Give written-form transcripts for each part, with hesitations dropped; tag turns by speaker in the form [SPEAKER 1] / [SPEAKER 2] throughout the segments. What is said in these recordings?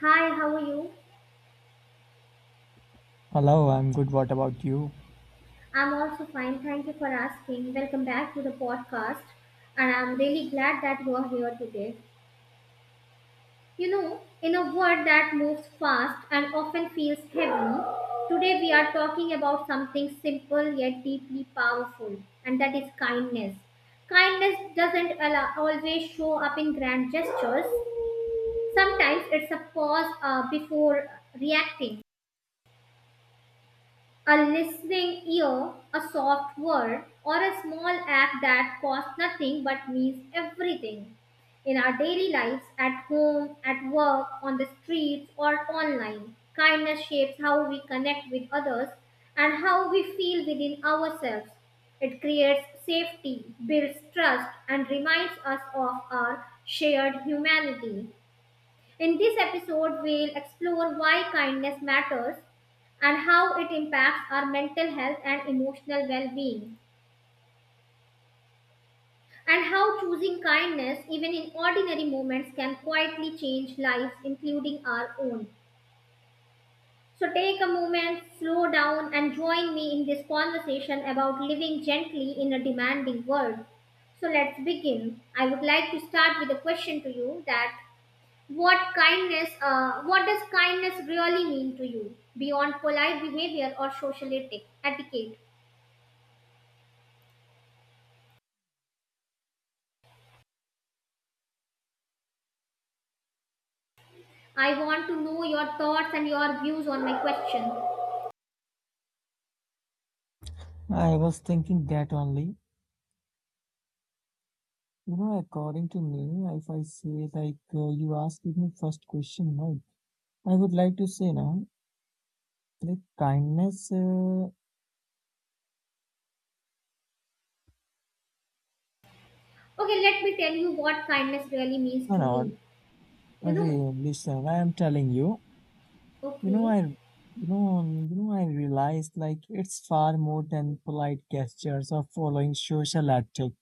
[SPEAKER 1] Hi, how are you?
[SPEAKER 2] Hello, I'm good. What about you?
[SPEAKER 1] I'm also fine. Thank you for asking. Welcome back to the podcast. And I'm really glad that you are here today. You know, in a world that moves fast and often feels heavy, today we are talking about something simple yet deeply powerful, and that is kindness. Kindness doesn't allow, always show up in grand gestures. Sometimes it's a pause before reacting, a listening ear, a soft word, or a small act that costs nothing but means everything in our daily lives at home, at work, on the streets, or online. Kindness shapes how we connect with others and how we feel within ourselves. It creates safety, builds trust, and reminds us of our shared humanity. In this episode, we'll explore why kindness matters and how it impacts our mental health and emotional well being, and how choosing kindness, even in ordinary moments, can quietly change lives, including our own. So, take a moment, slow down, and join me in this conversation about living gently in a demanding world. So, let's begin. I would like to start with a question to you that what kindness, what does kindness really mean to you beyond polite behavior or social etiquette? I want to know your thoughts and your views on my question.
[SPEAKER 2] I was thinking that only. You know, according to me, if I say you asked me first question, no, I would like to say no, like kindness.
[SPEAKER 1] Okay, let me tell you what kindness really means
[SPEAKER 2] No,
[SPEAKER 1] to
[SPEAKER 2] no,
[SPEAKER 1] me. You know,
[SPEAKER 2] listen, I am telling you. You know,
[SPEAKER 1] okay.
[SPEAKER 2] I realized like it's far more than polite gestures or following social ethic.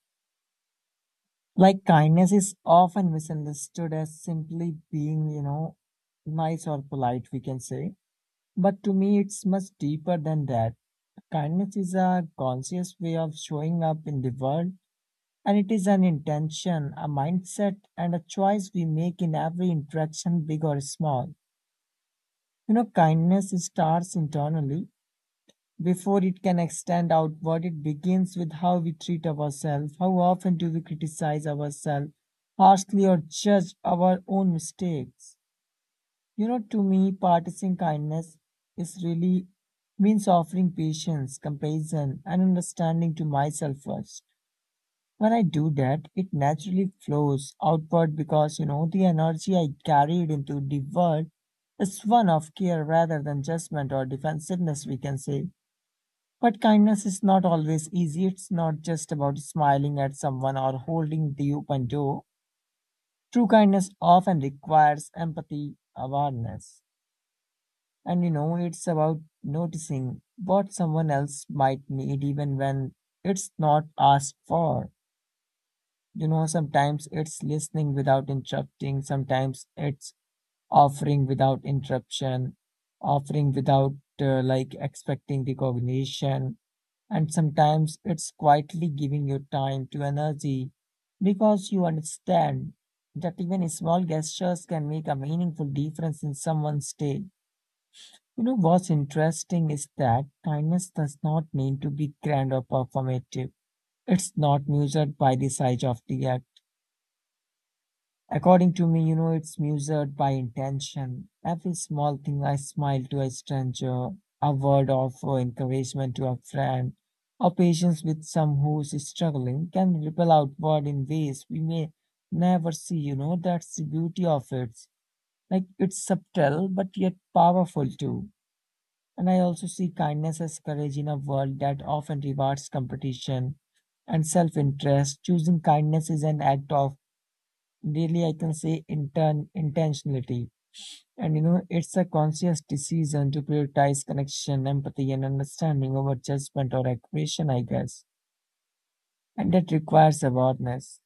[SPEAKER 2] Like kindness is often misunderstood as simply being, you know, nice or polite. We can say, but to me, it's much deeper than that. Kindness is a conscious way of showing up in the world, and it is an intention, a mindset, and a choice we make in every interaction, big or small. You know, kindness starts internally. Before it can extend outward, it begins with how we treat ourselves. How often do we criticize ourselves harshly or judge our own mistakes? You know, to me, practicing kindness is really means offering patience, compassion, and understanding to myself first. When I do that, it naturally flows outward because you know the energy I carried into the world is one of care rather than judgment or defensiveness, we can say. But kindness is not always easy. It's not just about smiling at someone or holding the open door. True kindness often requires empathy, awareness. And you know, it's about noticing what someone else might need even when it's not asked for. You know, sometimes it's listening without interrupting, sometimes it's offering without interruption, offering without like expecting recognition, and sometimes it's quietly giving your time to energy because you understand that even small gestures can make a meaningful difference in someone's day. You know what's interesting is that kindness does not need to be grand or performative. It's not measured by the size of the act. According to me, you know, it's measured by intention. Every small thing, I smile to a stranger, a word of encouragement to a friend, or patience with some who's struggling can ripple outward in ways we may never see. You know, that's the beauty of it. Like it's subtle, but yet powerful too. And I also see kindness as courage in a world that often rewards competition and self interest. Choosing kindness is an act of, really, I can say, intentionality. And you know, it's a conscious decision to prioritize connection, empathy, and understanding over judgment or aggression, I guess. And that requires awareness.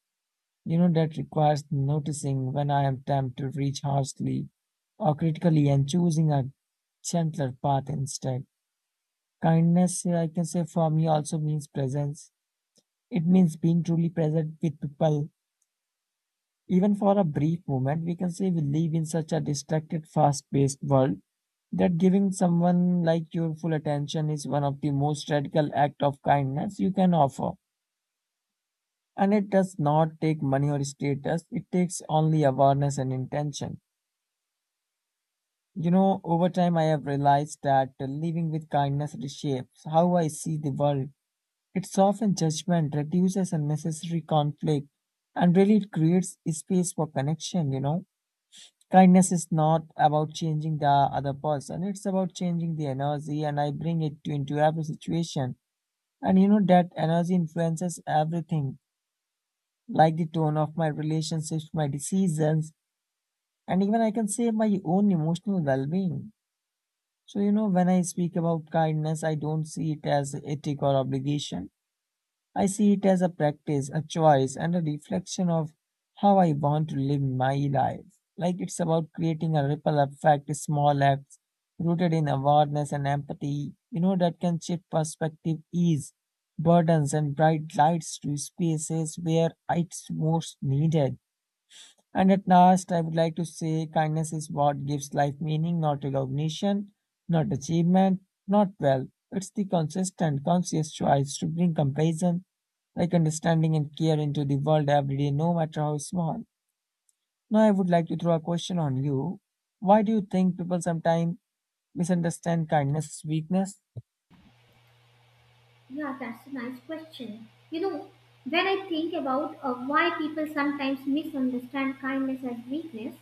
[SPEAKER 2] You know, that requires noticing when I am tempted to reach harshly or critically and choosing a gentler path instead. Kindness, I can say, for me also means presence. It means being truly present with people. Even for a brief moment, we can say we live in such a distracted, fast paced world that giving someone like your full attention is one of the most radical act of kindness you can offer. And it does not take money or status, it takes only awareness and intention. You know, over time I have realized that living with kindness reshapes how I see the world. It's often judgment reduces unnecessary conflict and really it creates a space for connection, you know. Kindness is not about changing the other person, it's about changing the energy, and I bring into every situation. And you know that energy influences everything, like the tone of my relationships, my decisions, and even I can say my own emotional well being. So, you know, when I speak about kindness, I don't see it as ethic or obligation. I see it as a practice, a choice, and a reflection of how I want to live my life. Like it's about creating a ripple effect, small acts rooted in awareness and empathy, you know, that can shift perspective, ease burdens, and bright lights to spaces where it's most needed. And at last, I would like to say kindness is what gives life meaning, not recognition, not achievement, not wealth. It's the consistent, conscious choice to bring compassion like understanding and care into the world every day, no matter how small. Now, I would like to throw a question on you. Why do you think people sometimes misunderstand kindness as weakness?
[SPEAKER 1] Yeah, that's a nice question. You know, when I think about why people sometimes misunderstand kindness as weakness,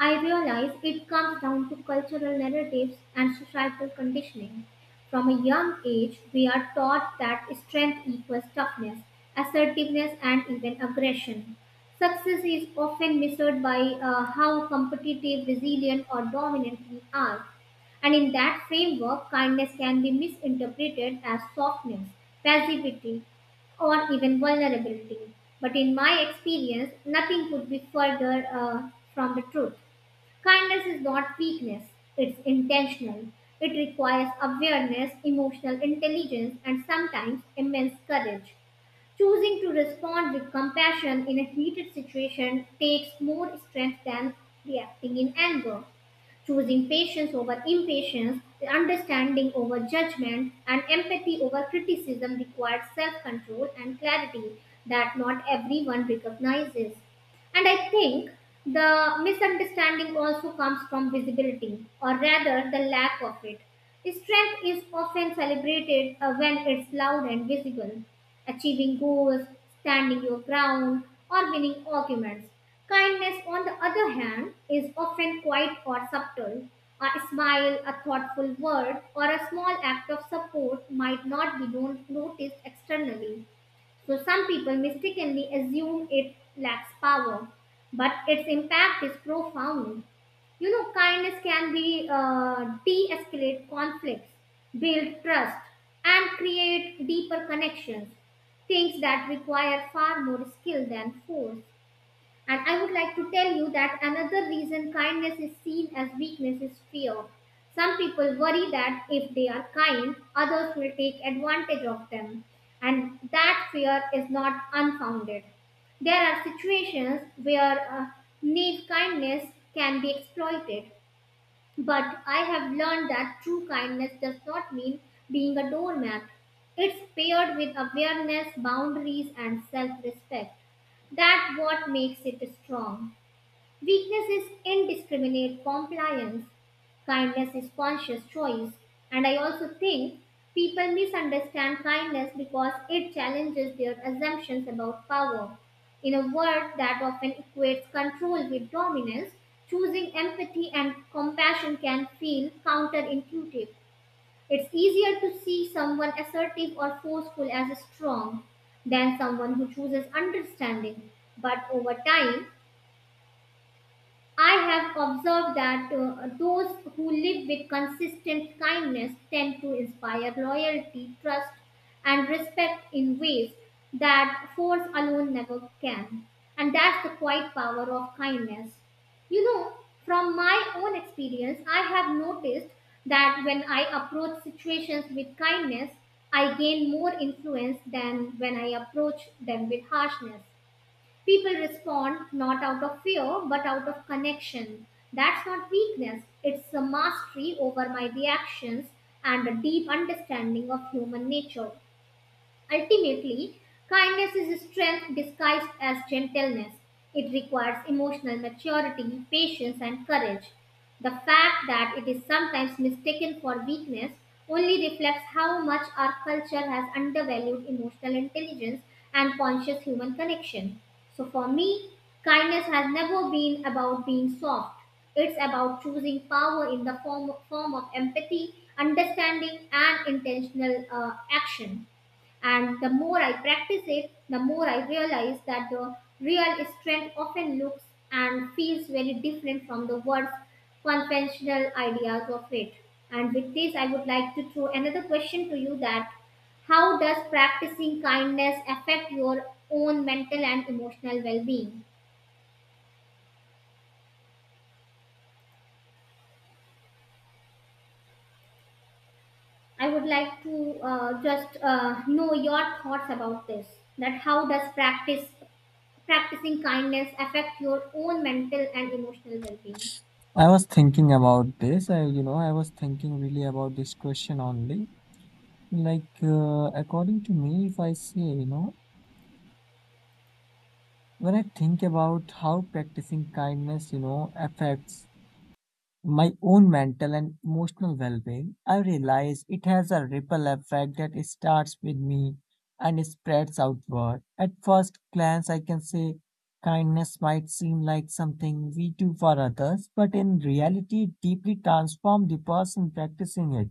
[SPEAKER 1] I realize it comes down to cultural narratives and societal conditioning. From a young age, we are taught that strength equals toughness, assertiveness, and even aggression. Success is often measured by how competitive, resilient, or dominant we are. And in that framework, kindness can be misinterpreted as softness, passivity, or even vulnerability. But in my experience, nothing could be further from the truth. Kindness is not weakness, it's intentional. It requires awareness, emotional intelligence, and sometimes immense courage. Choosing to respond with compassion in a heated situation takes more strength than reacting in anger, choosing patience over impatience, understanding over judgment, and empathy over criticism requires self control and clarity that not everyone recognizes. And I think the misunderstanding also comes from visibility, or rather, the lack of it. Strength is often celebrated when it's loud and visible. Achieving goals, standing your ground, or winning arguments. Kindness, on the other hand, is often quiet or subtle. A smile, a thoughtful word, or a small act of support might not be noticed externally, so some people mistakenly assume it lacks power, but its impact is profound. You know, kindness can be de-escalate conflicts, build trust, and create deeper connections. Things that require far more skill than force. And I would like to tell you that another reason kindness is seen as weakness is fear. Some people worry that if they are kind, others will take advantage of them, and that fear is not unfounded. There are situations where naive kindness can be exploited, but I have learned that true kindness does not mean being a doormat. It's paired with awareness, boundaries, and self respect. That's what makes it strong. Weakness is indiscriminate compliance, kindness is conscious choice, and I also think people misunderstand kindness because it challenges their assumptions about power. In a world that often equates control with dominance, choosing empathy and compassion can feel counterintuitive. It's easier to see someone assertive or forceful as strong than someone who chooses understanding. But over time, I have observed that those who live with consistent kindness tend to inspire loyalty, trust, and respect in ways that force alone never can. And that's the quiet power of kindness. You know, from my own experience, I have noticed that when I approach situations with kindness, I gain more influence than when I approach them with harshness. People respond not out of fear but out of connection. That's not weakness, it's a mastery over my reactions and a deep understanding of human nature. Ultimately, kindness is strength disguised as gentleness. It requires emotional maturity, patience, and courage. The fact that it is sometimes mistaken for weakness only reflects how much our culture has undervalued emotional intelligence and conscious human connection. So, for me, kindness has never been about being soft. It's about choosing power in the form of empathy, understanding, and intentional action. And the more I practice it, the more I realize that the real strength often looks and feels very different from the words conventional ideas of it. And with this, I would like to throw another question to you that how does practicing kindness affect your own mental and emotional well-being? I would like to just know your thoughts about this. That how does practice practicing kindness affect your own mental and emotional well-being?
[SPEAKER 2] I was thinking about this. I was thinking really about this question only. Like, according to me, if I say, you know, when I think about how practicing kindness, you know, affects my own mental and emotional well being, I realize it has a ripple effect that it starts with me and it spreads outward. At first glance, I can say kindness might seem like something we do for others, but in reality, it deeply transforms the person practicing it.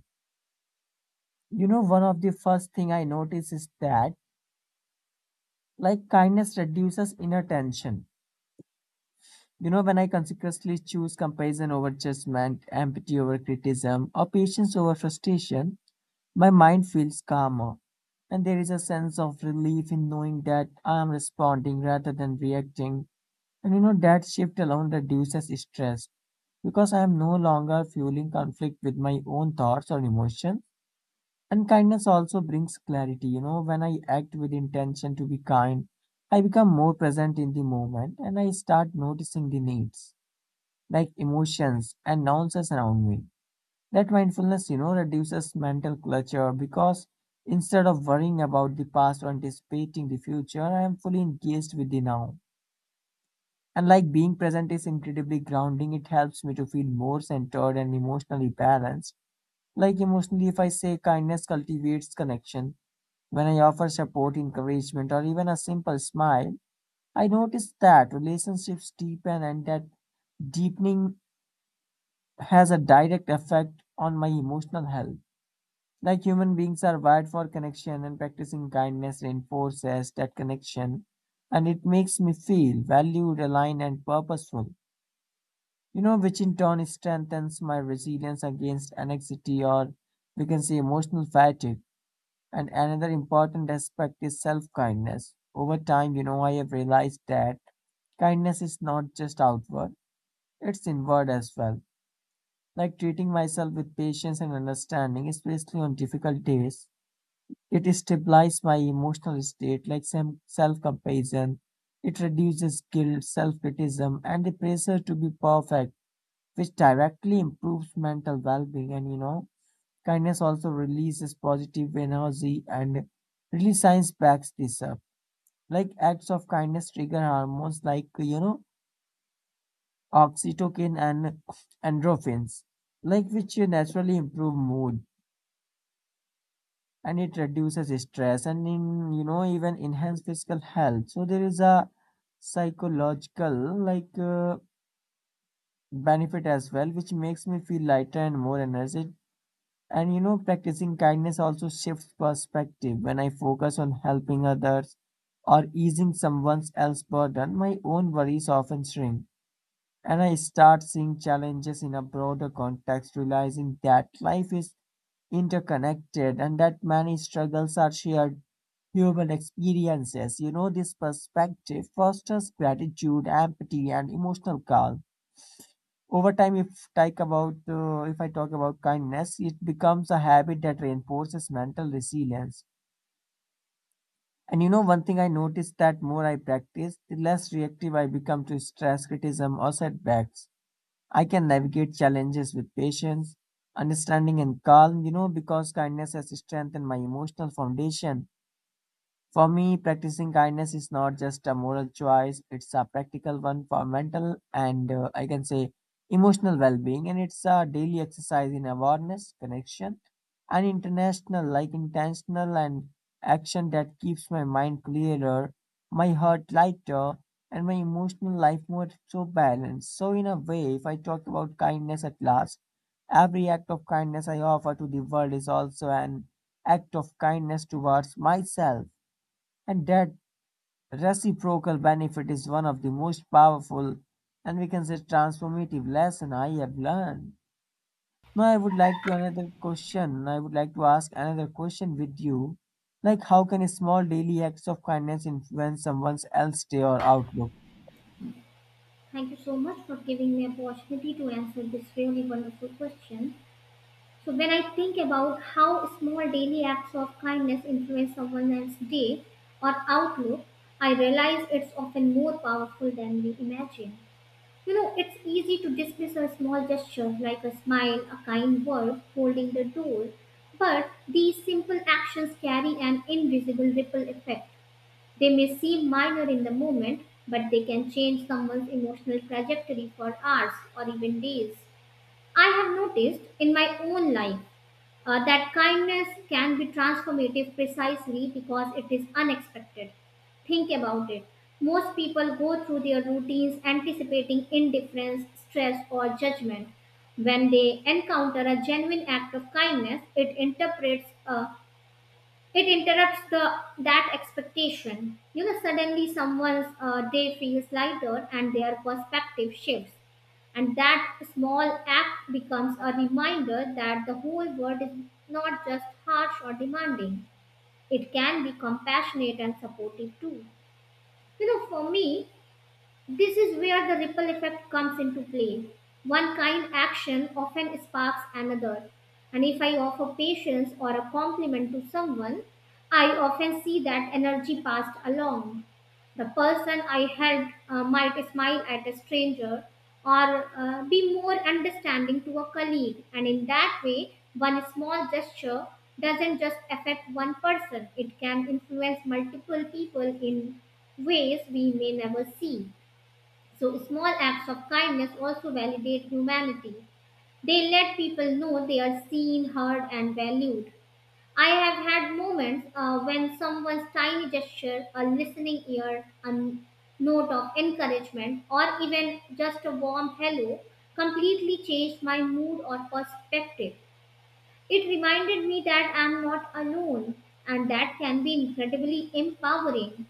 [SPEAKER 2] You know, one of the first thing I notice is that like kindness reduces inner tension. You know, when I consciously choose comparison over judgment, empathy over criticism, or patience over frustration, my mind feels calmer, and there is a sense of relief in knowing that I am responding rather than reacting. And you know, that shift alone reduces stress because I am no longer fueling conflict with my own thoughts or emotions. And kindness also brings clarity. You know, when I act with intention to be kind, I become more present in the moment and I start noticing the needs, like emotions and nuances around me. That mindfulness, you know, reduces mental clutter because instead of worrying about the past or anticipating the future, I am fully engaged with the now. And like being present is incredibly grounding, it helps me to feel more centered and emotionally balanced. Like emotionally, if I say kindness cultivates connection, when I offer support, encouragement, or even a simple smile, I notice that relationships deepen and that deepening has a direct effect on my emotional health. Like human beings are wired for connection, and practicing kindness reinforces that connection. And it makes me feel valued, aligned, and purposeful, you know, which in turn strengthens my resilience against anxiety or we can say emotional fatigue. And another important aspect is self kindness. Over time, you know, I have realized that kindness is not just outward, it's inward as well. Like treating myself with patience and understanding, especially on difficult days, it stabilizes my emotional state, like some self-compassion. It reduces guilt, self-criticism, and the pressure to be perfect, which directly improves mental well-being. And you know, kindness also releases positive energy and really science backs this up. Like acts of kindness trigger hormones like you know oxytocin and endorphins, like which naturally improve mood and it reduces stress and in you know even enhance physical health, so there is a psychological benefit as well, which makes me feel lighter and more energetic. And you know, practicing kindness also shifts perspective. When I focus on helping others or easing someone else's burden, my own worries often shrink and I start seeing challenges in a broader context, realizing that life is interconnected and that many struggles are shared human experiences. You know, this perspective fosters gratitude, empathy, and emotional calm. Over time, if I talk about kindness, it becomes a habit that reinforces mental resilience. And you know, one thing I noticed that more I practice, the less reactive I become to stress, criticism, or setbacks. I can navigate challenges with patience, understanding, and calm, you know, because kindness has strengthened my emotional foundation. For me, practicing kindness is not just a moral choice, it's a practical one for mental and I can say emotional well being. And it's a daily exercise in awareness, connection, and like intentional and action that keeps my mind clearer, my heart lighter, and my emotional life more so balanced. So, in a way, if I talk about kindness at last, every act of kindness I offer to the world is also an act of kindness towards myself. And that reciprocal benefit is one of the most powerful and we can say transformative lesson I have learned. Now I would like to another question. I would like to ask another question with you. Like how can a small daily acts of kindness influence someone else's day or outlook?
[SPEAKER 1] Thank you so much for giving me opportunity to answer this really wonderful question. So when I think about how small daily acts of kindness influence someone else's day or outlook, I realize it's often more powerful than we imagine. You know, it's easy to dismiss a small gesture like a smile, a kind word, holding the door, but these simple actions carry an invisible ripple effect. They may seem minor in the moment, but they can change someone's emotional trajectory for hours or even days. I have noticed in my own life that kindness can be transformative precisely because it is unexpected. Think about it. Most people go through their routines anticipating indifference, stress, or judgment. When they encounter a genuine act of kindness, it interprets a it interrupts the that expectation. You know, suddenly someone's day feels lighter and their perspective shifts. And that small act becomes a reminder that the whole world is not just harsh or demanding. It can be compassionate and supportive too. You know, for me, this is where the ripple effect comes into play. One kind action often sparks another. And if I offer patience or a compliment to someone, I often see that energy passed along. The person I helped might smile at a stranger or be more understanding to a colleague. And in that way, one small gesture doesn't just affect one person, it can influence multiple people in ways we may never see. So, small acts of kindness also validate humanity. They let people know they are seen, heard, and valued. I have had moments when someone's tiny gesture, a listening ear, a note of encouragement, or even just a warm hello completely changed my mood or perspective. It reminded me that I'm not alone, and that can be incredibly empowering.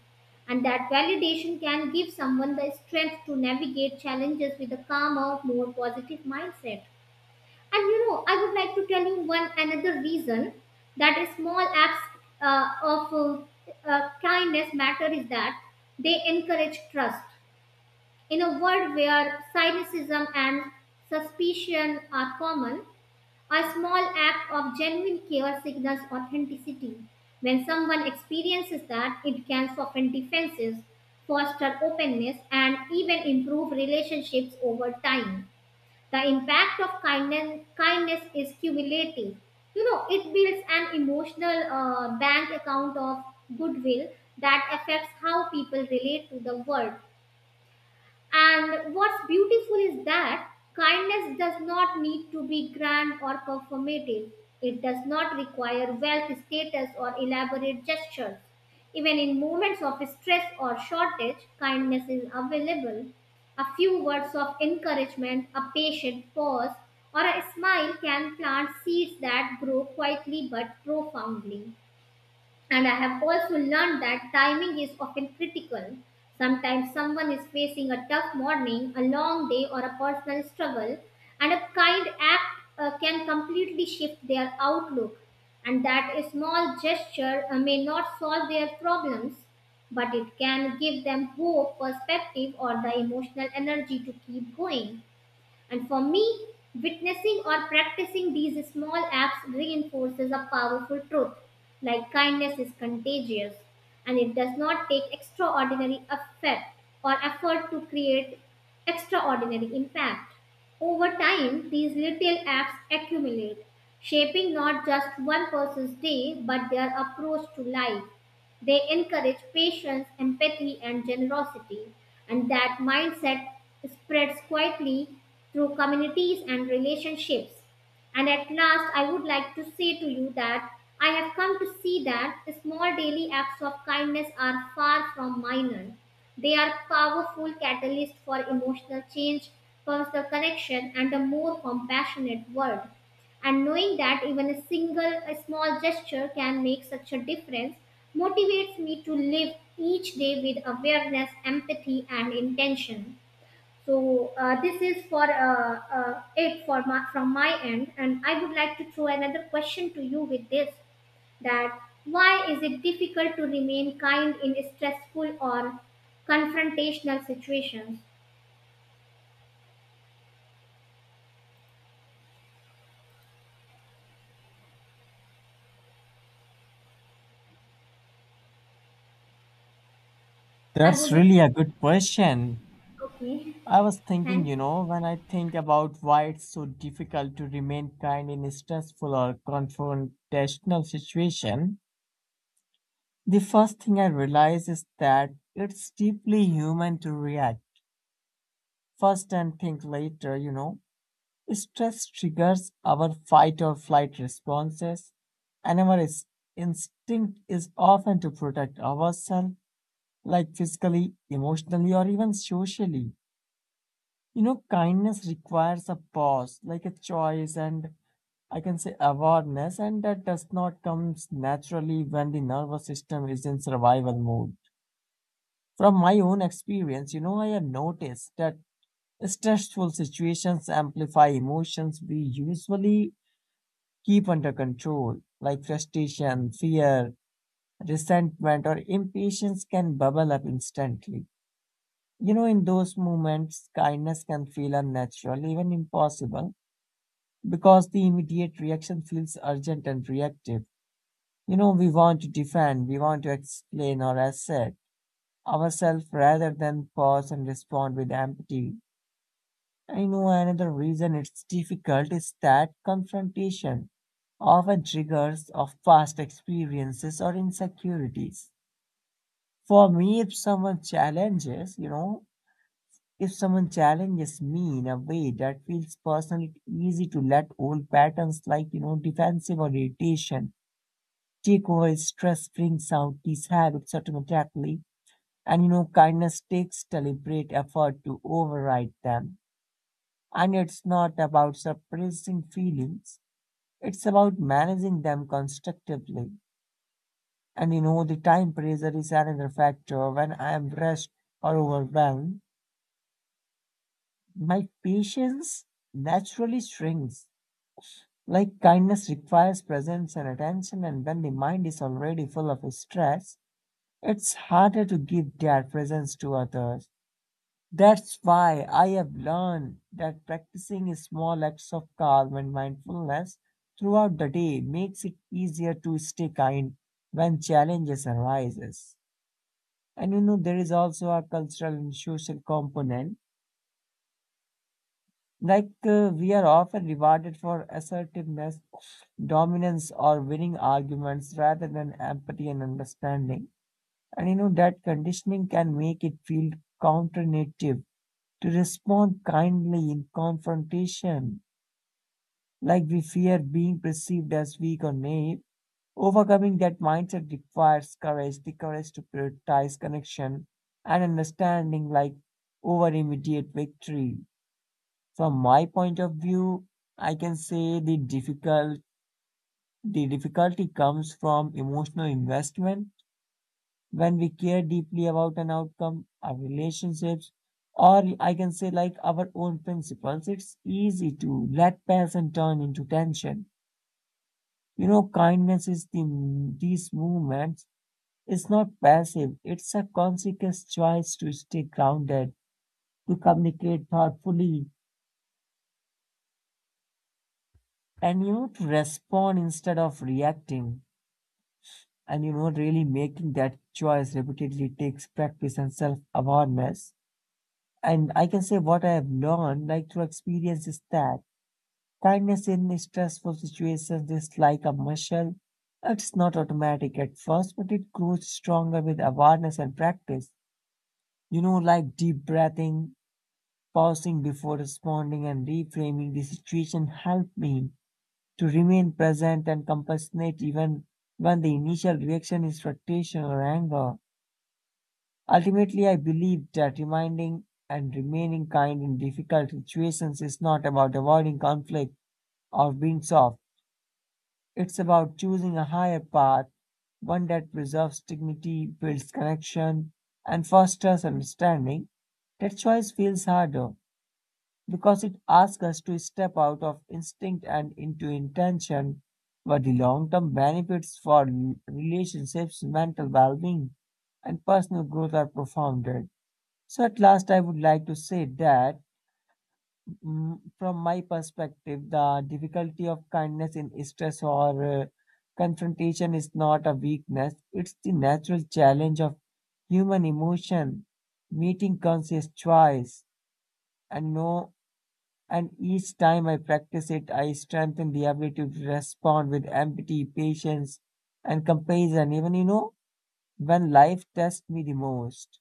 [SPEAKER 1] And that validation can give someone the strength to navigate challenges with a calmer, more positive mindset. And you know, I would like to tell you one another reason that is small acts of kindness matter is that they encourage trust. In a world where cynicism and suspicion are common, a small act of genuine care signals authenticity. When someone experiences that, it can soften defenses, foster openness, and even improve relationships over time. The impact of kindness is cumulative. You know, it builds an emotional bank account of goodwill that affects how people relate to the world. And what's beautiful is that kindness does not need to be grand or performative. It does not require wealth, status, or elaborate gestures. Even in moments of stress or shortage, kindness is available. A few words of encouragement, a patient pause, or a smile can plant seeds that grow quietly but profoundly. And I have also learned that timing is often critical. Sometimes someone is facing a tough morning, a long day, or a personal struggle, and a kind act can completely shift their outlook. And that a small gesture may not solve their problems, but it can give them hope, perspective, or the emotional energy to keep going. And for me, witnessing or practicing these small acts reinforces a powerful truth like kindness is contagious and it does not take extraordinary effort or effort to create extraordinary impact. Over time, these little acts accumulate, shaping not just one person's day but their approach to life. They encourage patience, empathy, and generosity, and that mindset spreads quietly through communities and relationships. And at last, I would like to say to you that I have come to see that small daily acts of kindness are far from minor. They are powerful catalysts for emotional change, personal connection, and a more compassionate world, and knowing that even a small gesture can make such a difference motivates me to live each day with awareness, empathy, and intention. So this is for it for my, from my end, and I would like to throw another question to you with this, that why is it difficult to remain kind in stressful or confrontational situations? I
[SPEAKER 2] That's
[SPEAKER 1] would,
[SPEAKER 2] really a good question.
[SPEAKER 1] okay.
[SPEAKER 2] I was thinking,
[SPEAKER 1] Thanks.
[SPEAKER 2] you know, when I think about why it's so difficult to remain kind in a stressful or confrontational situation, the first thing I realize is that it's deeply human to react first and think later, you know. Stress triggers our fight or flight responses, and our instinct is often to protect ourselves, like physically, emotionally, or even socially. You know, kindness requires a pause, like a choice, and I can say awareness, and that does not come naturally when the nervous system is in survival mode. From my own experience, you know, I have noticed that stressful situations amplify emotions we usually keep under control, like frustration, fear, resentment, or impatience can bubble up instantly. In those moments, kindness can feel unnatural, even impossible, because the immediate reaction feels urgent and reactive. We want to defend, we want to explain or assert ourselves rather than pause and respond with empathy. I know another reason it's difficult is that confrontation often triggers of past experiences or insecurities. For me, if someone challenges, if someone challenges me in a way that feels personal, it's easy to let old patterns like, defensive or irritation take over. Stress brings out these habits automatically. Kindness takes deliberate effort to override them. And it's not about suppressing feelings, it's about managing them constructively. The time pressure is another factor. When I am rushed or overwhelmed, my patience naturally shrinks. Like kindness requires presence and attention, and when the mind is already full of stress, it's harder to give that presence to others. That's why I have learned that practicing small acts of calm and mindfulness throughout the day makes it easier to stay kind when challenges arises. And you know There is also a cultural and social component. Like we are often rewarded for assertiveness, dominance, or winning arguments rather than empathy and understanding. And you know That conditioning can make it feel counterintuitive to respond kindly in confrontation, like we fear being perceived as weak or naive. Overcoming that mindset requires courage, the courage to prioritize connection and understanding like over immediate victory. From my point of view, I can say the difficulty comes from emotional investment when we care deeply about an outcome, our relationships, or I can say like our own principles, it's easy to let passion turn into tension. You know, kindness is the these movements. It's not passive. It's a conscious choice to stay grounded, to communicate thoughtfully, and to respond instead of reacting. Really making that choice repeatedly takes practice and self-awareness. And I can say what I have learned, like through experience, is that kindness in stressful situations is like a muscle. It's not automatic at first, but it grows stronger with awareness and practice. You know, like deep breathing, pausing before responding, and reframing the situation helped me to remain present and compassionate even when the initial reaction is frustration or anger. Ultimately, I believe that reminding and remaining kind in difficult situations is not about avoiding conflict or being soft. It's about choosing a higher path, one that preserves dignity, builds connection, and fosters understanding. That choice feels harder because it asks us to step out of instinct and into intention, but the long term benefits for relationships, mental well being, and personal growth are profound. So, at last, I would like to say that from my perspective, the difficulty of kindness in stress or uh, confrontation is not a weakness, it's the natural challenge of human emotion, meeting conscious choice. And no, and each time I practice it, I strengthen the ability to respond with empathy, patience, and compassion, even when life tests me the most.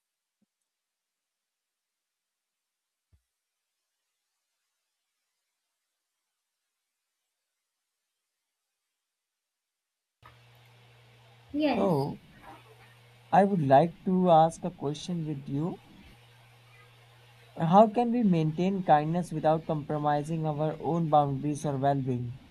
[SPEAKER 1] Yes.
[SPEAKER 2] So, I would like to ask a question with you. How can we maintain kindness without compromising our own boundaries or well being?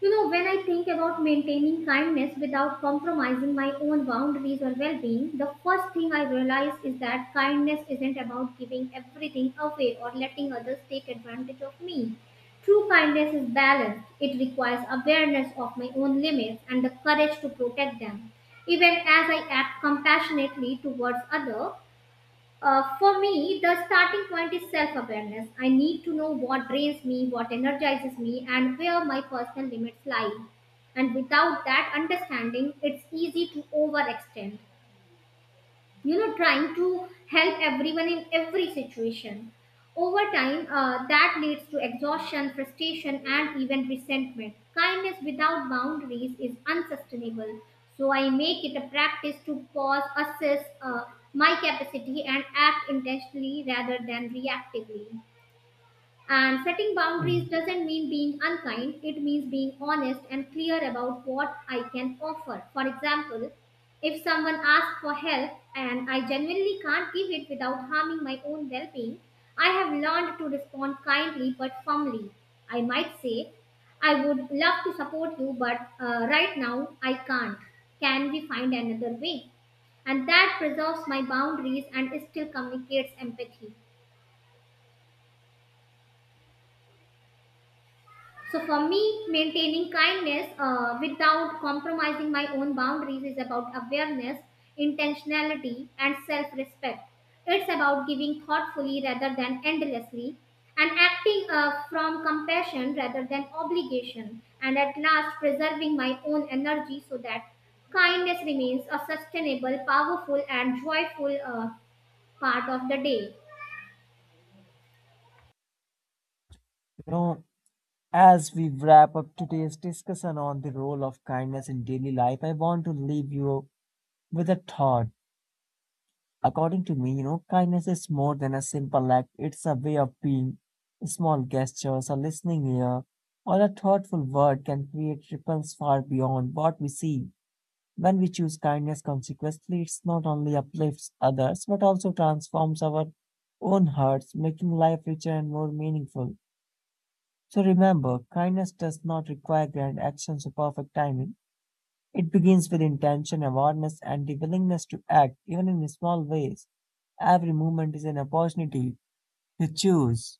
[SPEAKER 1] You know, when I think about maintaining kindness without compromising my own boundaries or well being, the first thing I realize is that kindness isn't about giving everything away or letting others take advantage of me. True kindness is balanced, it requires awareness of my own limits and the courage to protect them, even as I act compassionately towards others. For me, the starting point is self awareness. I need to know what drains me, what energizes me, and where my personal limits lie. And without that understanding, it's easy to overextend, you know, trying to help everyone in every situation. Over time, that leads to exhaustion, frustration, and even resentment. Kindness without boundaries is unsustainable, so I make it a practice to pause, assess my capacity, and act intentionally rather than reactively. And setting boundaries
[SPEAKER 2] You
[SPEAKER 1] doesn't mean being unkind, it means being honest and clear about what I can offer. For example, if someone asks for help and I genuinely can't give it without harming my own well being, I have learned to respond kindly but firmly. I might say, I would love to support you, but right now I can't. Can we find another way? And that preserves my boundaries and still communicates empathy. So for me, maintaining kindness without compromising my own boundaries is about awareness, intentionality, and self-respect. It's about giving thoughtfully rather than endlessly, and acting from compassion rather than obligation, and at last preserving my own energy so that kindness remains a sustainable, powerful, and joyful part of the day.
[SPEAKER 2] know, as we wrap up today's discussion on the role of kindness in daily life, I want to leave you with a thought. According to me, kindness is more than a simple act, it's a way of being. Small gestures, a listening ear, or a thoughtful word can create ripples far beyond what we see. When we choose kindness consequently, it not only uplifts others but also transforms our own hearts, making life richer and more meaningful. So remember, kindness does not require grand actions or perfect timing. It begins with intention, awareness, and the willingness to act, even in small ways. Every moment is an opportunity to choose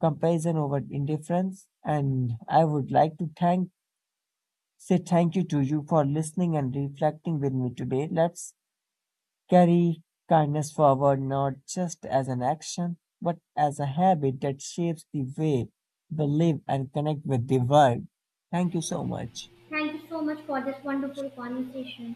[SPEAKER 2] comparison over indifference. And I would like to thank say thank you to you for listening and reflecting with me today. Let's carry kindness forward not just as an action, but as a habit that shapes the way we live and connect with the world. Thank you so much.
[SPEAKER 1] Thank you so much for this wonderful conversation.